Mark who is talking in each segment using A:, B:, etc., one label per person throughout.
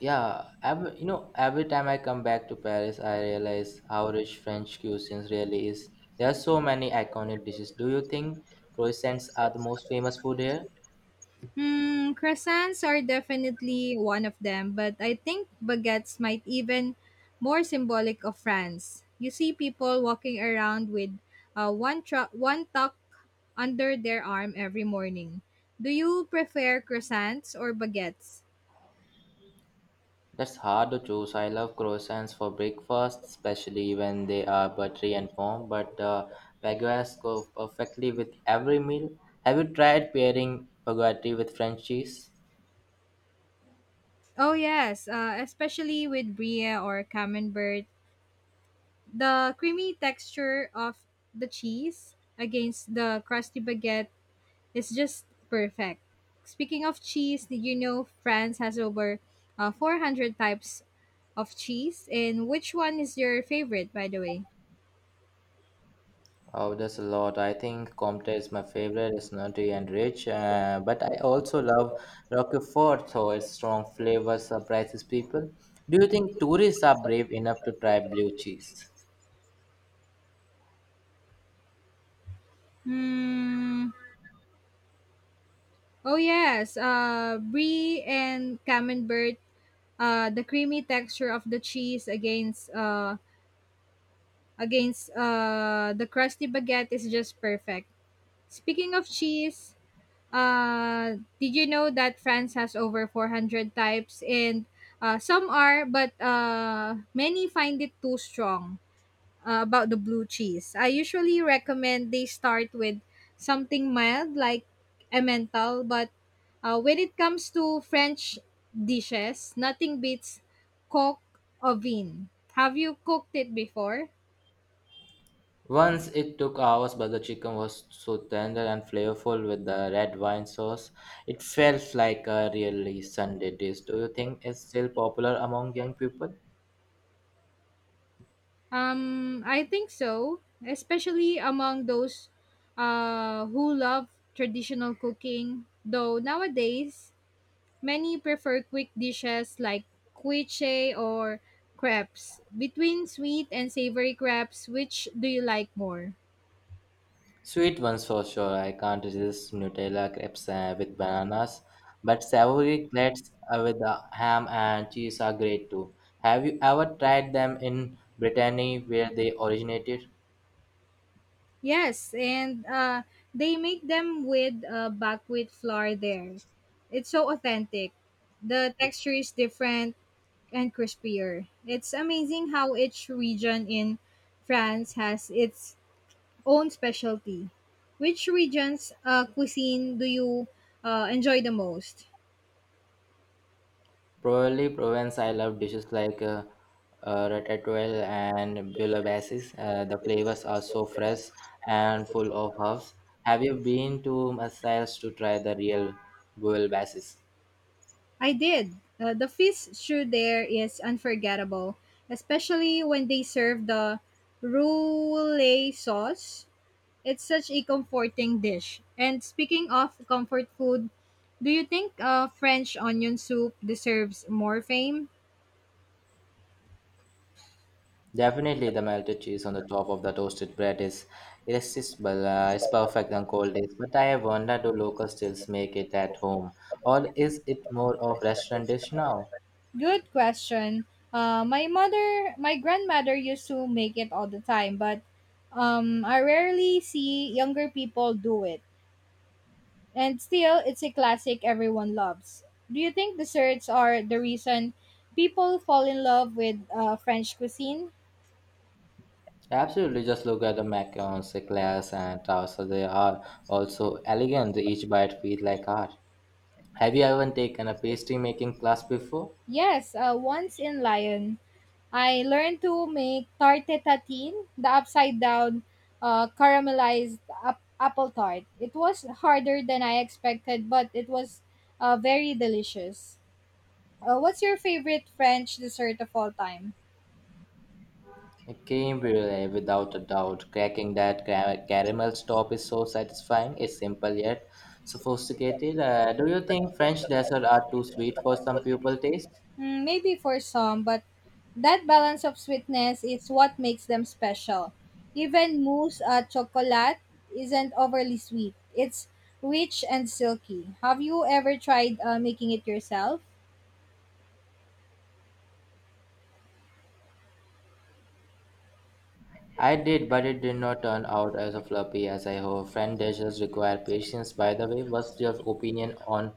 A: Yeah, every time I come back to Paris, I realize how rich French cuisine really is. There are so many iconic dishes. Do you think croissants are the most famous food here?
B: Hmm, croissants are definitely one of them, but I think baguettes might even more symbolic of France. You see people walking around with one tuck under their arm every morning. Do you prefer croissants or baguettes?
A: That's hard to choose. I love croissants for breakfast, especially when they are buttery and warm, but baguettes go perfectly with every meal. Have you tried pairing baguette with French cheese?
B: Oh yes, especially with brie or camembert. The creamy texture of the cheese against the crusty baguette. It's just perfect. Speaking of cheese, did you know France has over 400 types of cheese? And which one is your favorite, by the way?
A: Oh, there's a lot. I think Comte is my favorite. It's nutty and rich, but I also love Roquefort, though its strong flavor surprises people. Do you think tourists are brave enough to try blue cheese?
B: Hmm. Oh yes, brie and camembert. The creamy texture of the cheese against the crusty baguette is just perfect. Speaking of cheese, did you know that France has over 400 types and some are, but many find it too strong about the blue cheese. I usually recommend they start with something mild like Emmental, but when it comes to French dishes, nothing beats coq au vin. Have you cooked it before?
A: Once it took hours, but the chicken was so tender and flavorful with the red wine sauce. It felt like a really Sunday dish. Do you think it's still popular among young people?
B: I think so, especially among those who love traditional cooking. Though nowadays, many prefer quick dishes like quiche or crepes. Between sweet and savory crepes, which do you like more?
A: Sweet ones for sure. I can't resist Nutella crepes with bananas, but savory crepes with ham and cheese are great too. Have you ever tried them in Brittany where they originated?
B: Yes, and they make them with buckwheat flour there. It's so authentic. The texture is different and crispier. It's amazing how each region in France has its own specialty. Which region's cuisine do you enjoy the most?
A: Probably Provence. I love dishes like ratatouille and bouillabaisse. The flavors are so fresh and full of herbs. Have you been to Marseille to try the real bouillabaisse?
B: I did. The fish stew there is unforgettable, especially when they serve the roulade sauce. It's such a comforting dish. And speaking of comfort food, do you think French onion soup deserves more fame?
A: Definitely, the melted cheese on the top of the toasted bread is irresistible. It's perfect on cold days. But I have wondered, do locals still make it at home, or is it more of restaurant dish now?
B: Good question. My grandmother used to make it all the time, but I rarely see younger people do it. And still, it's a classic everyone loves. Do you think desserts are the reason people fall in love with French cuisine?
A: Absolutely, just look at the macarons, eclairs, and towers. They are also elegant. Each bite feels like art. Have you ever taken a pastry making class before?
B: Yes, once in Lyon, I learned to make tarte tatine, the upside down caramelized apple tart. It was harder than I expected, but it was very delicious. What's your favorite French dessert of all time?
A: A creme brulee, without a doubt. Cracking that caramel top is so satisfying. It's simple yet sophisticated. Do you think French desserts are too sweet for some people taste?
B: Mm, maybe for some, but that balance of sweetness is what makes them special. Even mousse à chocolat isn't overly sweet. It's rich and silky. Have you ever tried making it yourself?
A: I did, but it did not turn out as fluffy as I hoped. French dishes require patience. By the way, what's your opinion on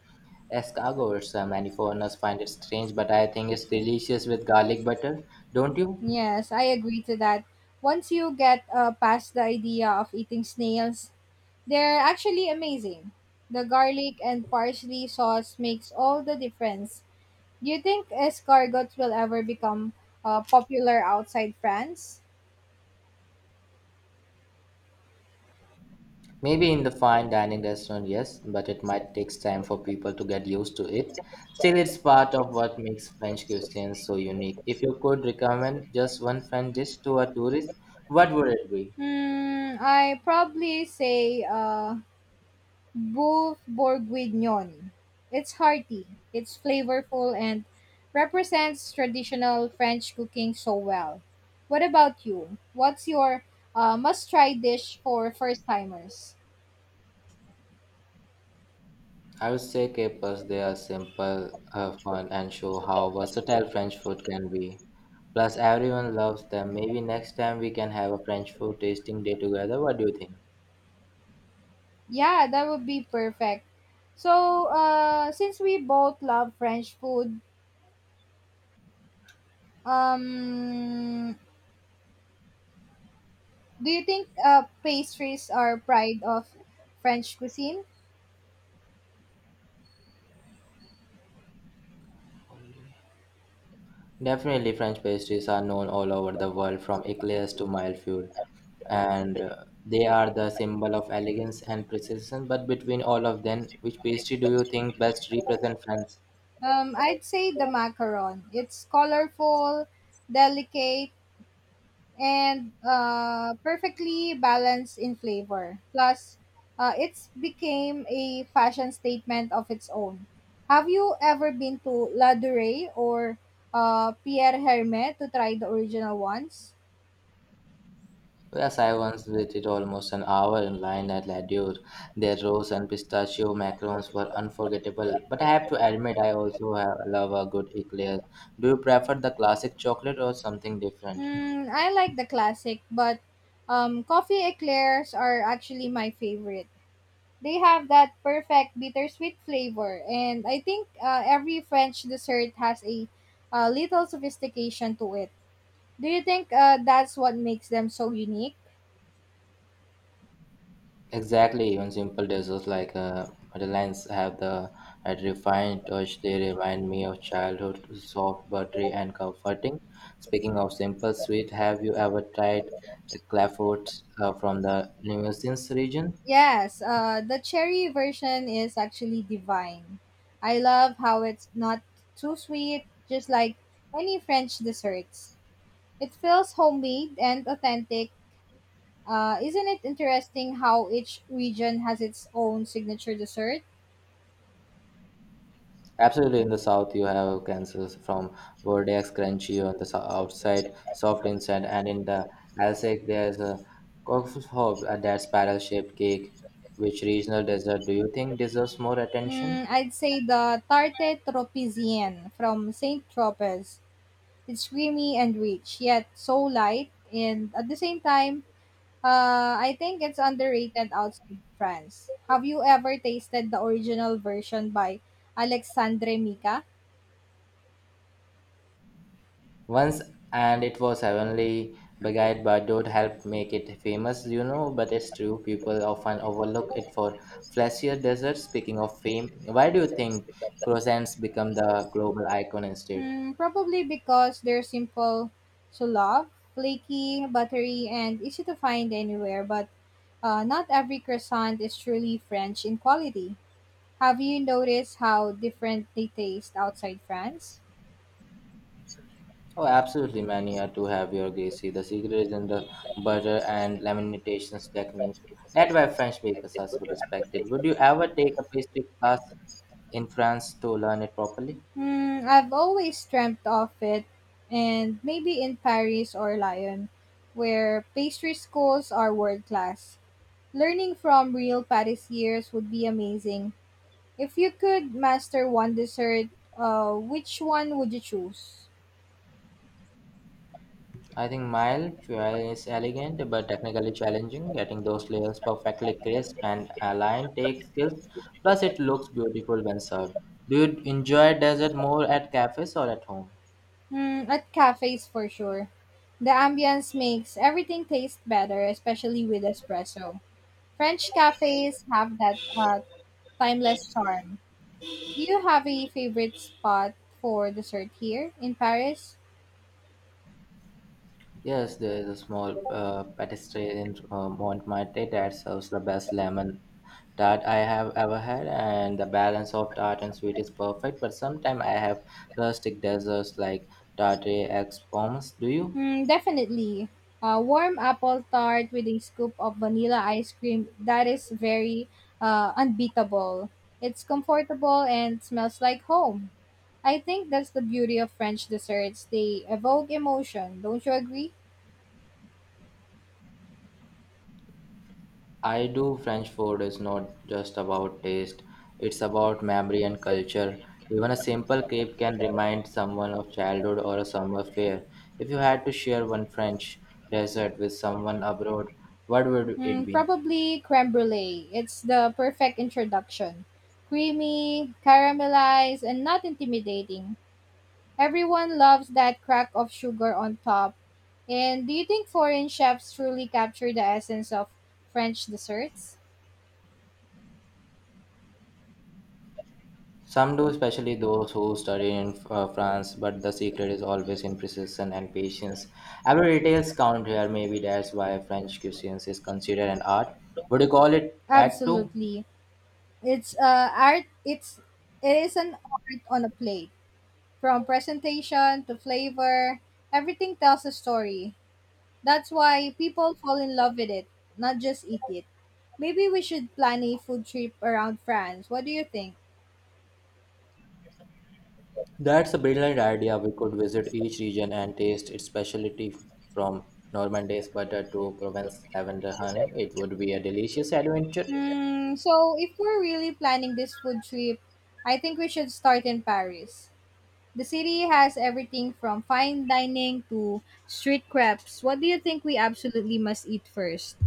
A: escargots? Many foreigners find it strange, but I think it's delicious with garlic butter. Don't you?
B: Yes, I agree to that. Once you get past the idea of eating snails, they're actually amazing. The garlic and parsley sauce makes all the difference. Do you think escargots will ever become popular outside France?
A: Maybe in the fine dining restaurant, yes, but it might take time for people to get used to it. Still, it's part of what makes French cuisine so unique. If you could recommend just one French dish to a tourist, what would it be?
B: Hmm, I probably say Boeuf bourguignon. It's hearty, it's flavorful, and represents traditional French cooking so well. What about you? What's your must try dish for first timers?
A: I would say capers. They are simple, fun, and show how versatile French food can be. Plus, everyone loves them. Maybe next time we can have a French food tasting day together. What do you think?
B: Yeah, that would be perfect. So, since we both love French food, um, do you think pastries are pride of French cuisine?
A: Holy. Definitely, French pastries are known all over the world, from eclairs to milfoil, and they are the symbol of elegance and precision. But between all of them, which pastry do you think best represent France?
B: I'd say the macaron. It's colorful, delicate, and perfectly balanced in flavor. Plus, it's became a fashion statement of its own. Have you ever been to La Durée or Pierre Hermé to try the original ones?
A: Yes, I once waited almost an hour in line at La Dure. Their rose and pistachio macarons were unforgettable. But I have to admit, I also have, love a good eclair. Do you prefer the classic chocolate or something different?
B: Mm, I like the classic, but coffee eclairs are actually my favorite. They have that perfect bittersweet flavor, and I think every French dessert has a little sophistication to it. Do you think that's what makes them so unique?
A: Exactly, even simple desserts like madeleines have the that refined touch. They remind me of childhood, soft, buttery, and comforting. Speaking of simple sweet, have you ever tried clafouts from the Limousin region?
B: Yes, the cherry version is actually divine. I love how it's not too sweet, just like many French desserts. It feels homemade and authentic. Isn't it interesting how each region has its own signature dessert?
A: Absolutely, in the south you have cancers from Bordeaux, crunchy on the outside, soft inside, and in the Alsace there's a coffee hob, that's barrel-shaped cake. Which regional dessert do you think deserves more attention?
B: Hmm, I'd say the tarte tropézienne from Saint Tropez. It's creamy and rich, yet so light, and at the same time, I think it's underrated outside France. Have you ever tasted the original version by Alexandre Mika?
A: Once and it was heavenly, beguiled by Dodd helped make it famous, you know, but it's true, people often overlook it for flashier desserts. Speaking of fame, why do you think croissants become the global icon instead?
B: Hmm, probably because they're simple to love, flaky, buttery, and easy to find anywhere, but not every croissant is truly French in quality. Have you noticed how different they taste outside France?
A: Oh, absolutely, man, you have to have your Gracie. The secret is in the butter and lamentations techniques. That's why French bakers are so respected. Would you ever take a pastry class in France to learn it properly?
B: Hmm, I've always dreamt of it, and maybe in Paris or Lyon, where pastry schools are world class. Learning from real pâtissiers would be amazing. If you could master one dessert, which one would you choose?
A: I think mild fuel is elegant but technically challenging. Getting those layers perfectly crisp and aligned takes skills. Plus, it looks beautiful when served. Do you enjoy dessert more at cafes or at home?
B: Hmm, at cafes for sure. The ambience makes everything taste better, especially with espresso. French cafes have that timeless charm. Do you have a favorite spot for dessert here in Paris?
A: Yes, there is a small patisserie in Montmartre that serves the best lemon tart I have ever had, and the balance of tart and sweet is perfect. But sometimes I have rustic desserts like tarte ex pommes. Do you?
B: Mm, definitely. A warm apple tart with a scoop of vanilla ice cream. That is very unbeatable. It's comfortable and smells like home. I think that's the beauty of French desserts. They evoke emotion. Don't you agree?
A: I do. French food is not just about taste, it's about memory and culture. Even a simple crepe can remind someone of childhood or a summer fair. If you had to share one French dessert with someone abroad, what would it
B: Mm,
A: be?
B: probably creme brulee. It's the perfect introduction. Creamy, caramelized, and not intimidating. Everyone loves that crack of sugar on top. And do you think foreign chefs truly capture the essence of French desserts?
A: Some do, especially those who study in France, but the secret is always in precision and patience. Every details count here, maybe that's why French cuisine is considered an art. Would you call it that too?
B: Absolutely. It's it is an art on a plate. From presentation to flavor, everything tells a story. That's why people fall in love with it, not just eat it. Maybe we should plan a food trip around France. What do you think?
A: That's a brilliant idea. We could visit each region and taste its specialty from Normandy's butter to Provence's lavender honey. It would be a delicious adventure.
B: Hmm, so if we're really planning this food trip, I think we should start in Paris. The city has everything from fine dining to street crepes. What do you think we absolutely must eat first?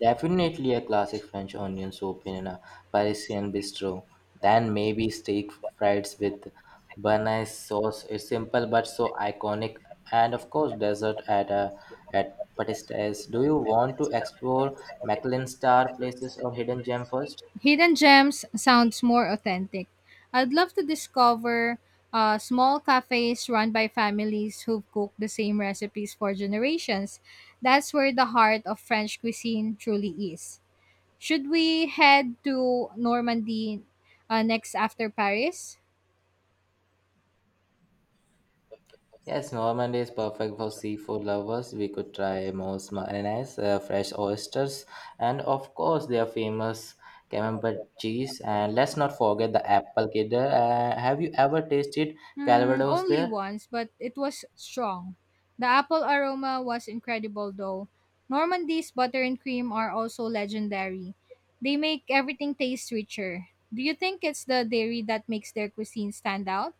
A: Definitely a classic French onion soup in a Parisian bistro. Then maybe steak fries with béarnaise sauce. It's simple but so iconic. And of course, dessert at a at Patisseries. Do you want to explore Michelin star places or hidden gem first?
B: Hidden gems sounds more authentic. I'd love to discover small cafes run by families who've cooked the same recipes for generations. That's where the heart of French cuisine truly is. Should we head to Normandy next after Paris?
A: Yes, Normandy is perfect for seafood lovers. We could try Moe's mayonnaise, fresh oysters, and of course their famous camembert cheese. And let's not forget the apple cider. Have you ever tasted
B: Hmm,
A: Calvados
B: only
A: there?
B: once, but it was strong. The apple aroma was incredible, though. Normandy's butter and cream are also legendary. They make everything taste richer. Do you think it's the dairy that makes their cuisine stand out?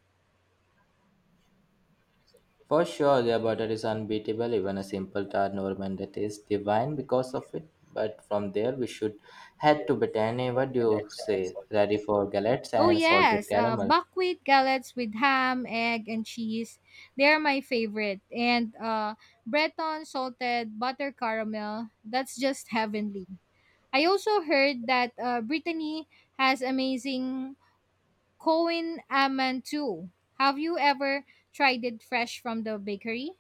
A: For sure, their butter is unbeatable. Even a simple tart Normandy tastes divine because of it. But from there, we should head to Brittany. What do you say? Ready for galettes
B: Oh
A: and salted
B: yes,
A: caramel?
B: buckwheat gallets with ham, egg, and cheese. They are my favorite. And Breton salted butter caramel. That's just heavenly. I also heard that Brittany has amazing Cohen almond too. Have you ever tried it fresh from the bakery?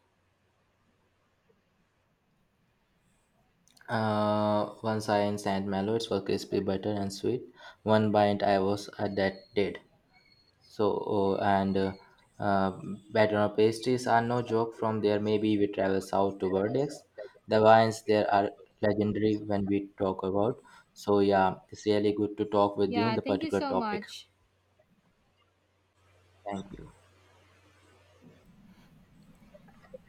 A: One science and mellows were crispy, butter, and sweet. One bite I was at that dead. So, oh, and uh, batter or pastries are no joke. From there, maybe we travel south to Verdex. The wines there are legendary when we talk about. So, yeah, it's really good to talk with you on
B: Yeah,
A: the
B: thank you
A: particular
B: so
A: topic.
B: much.
A: Thank you.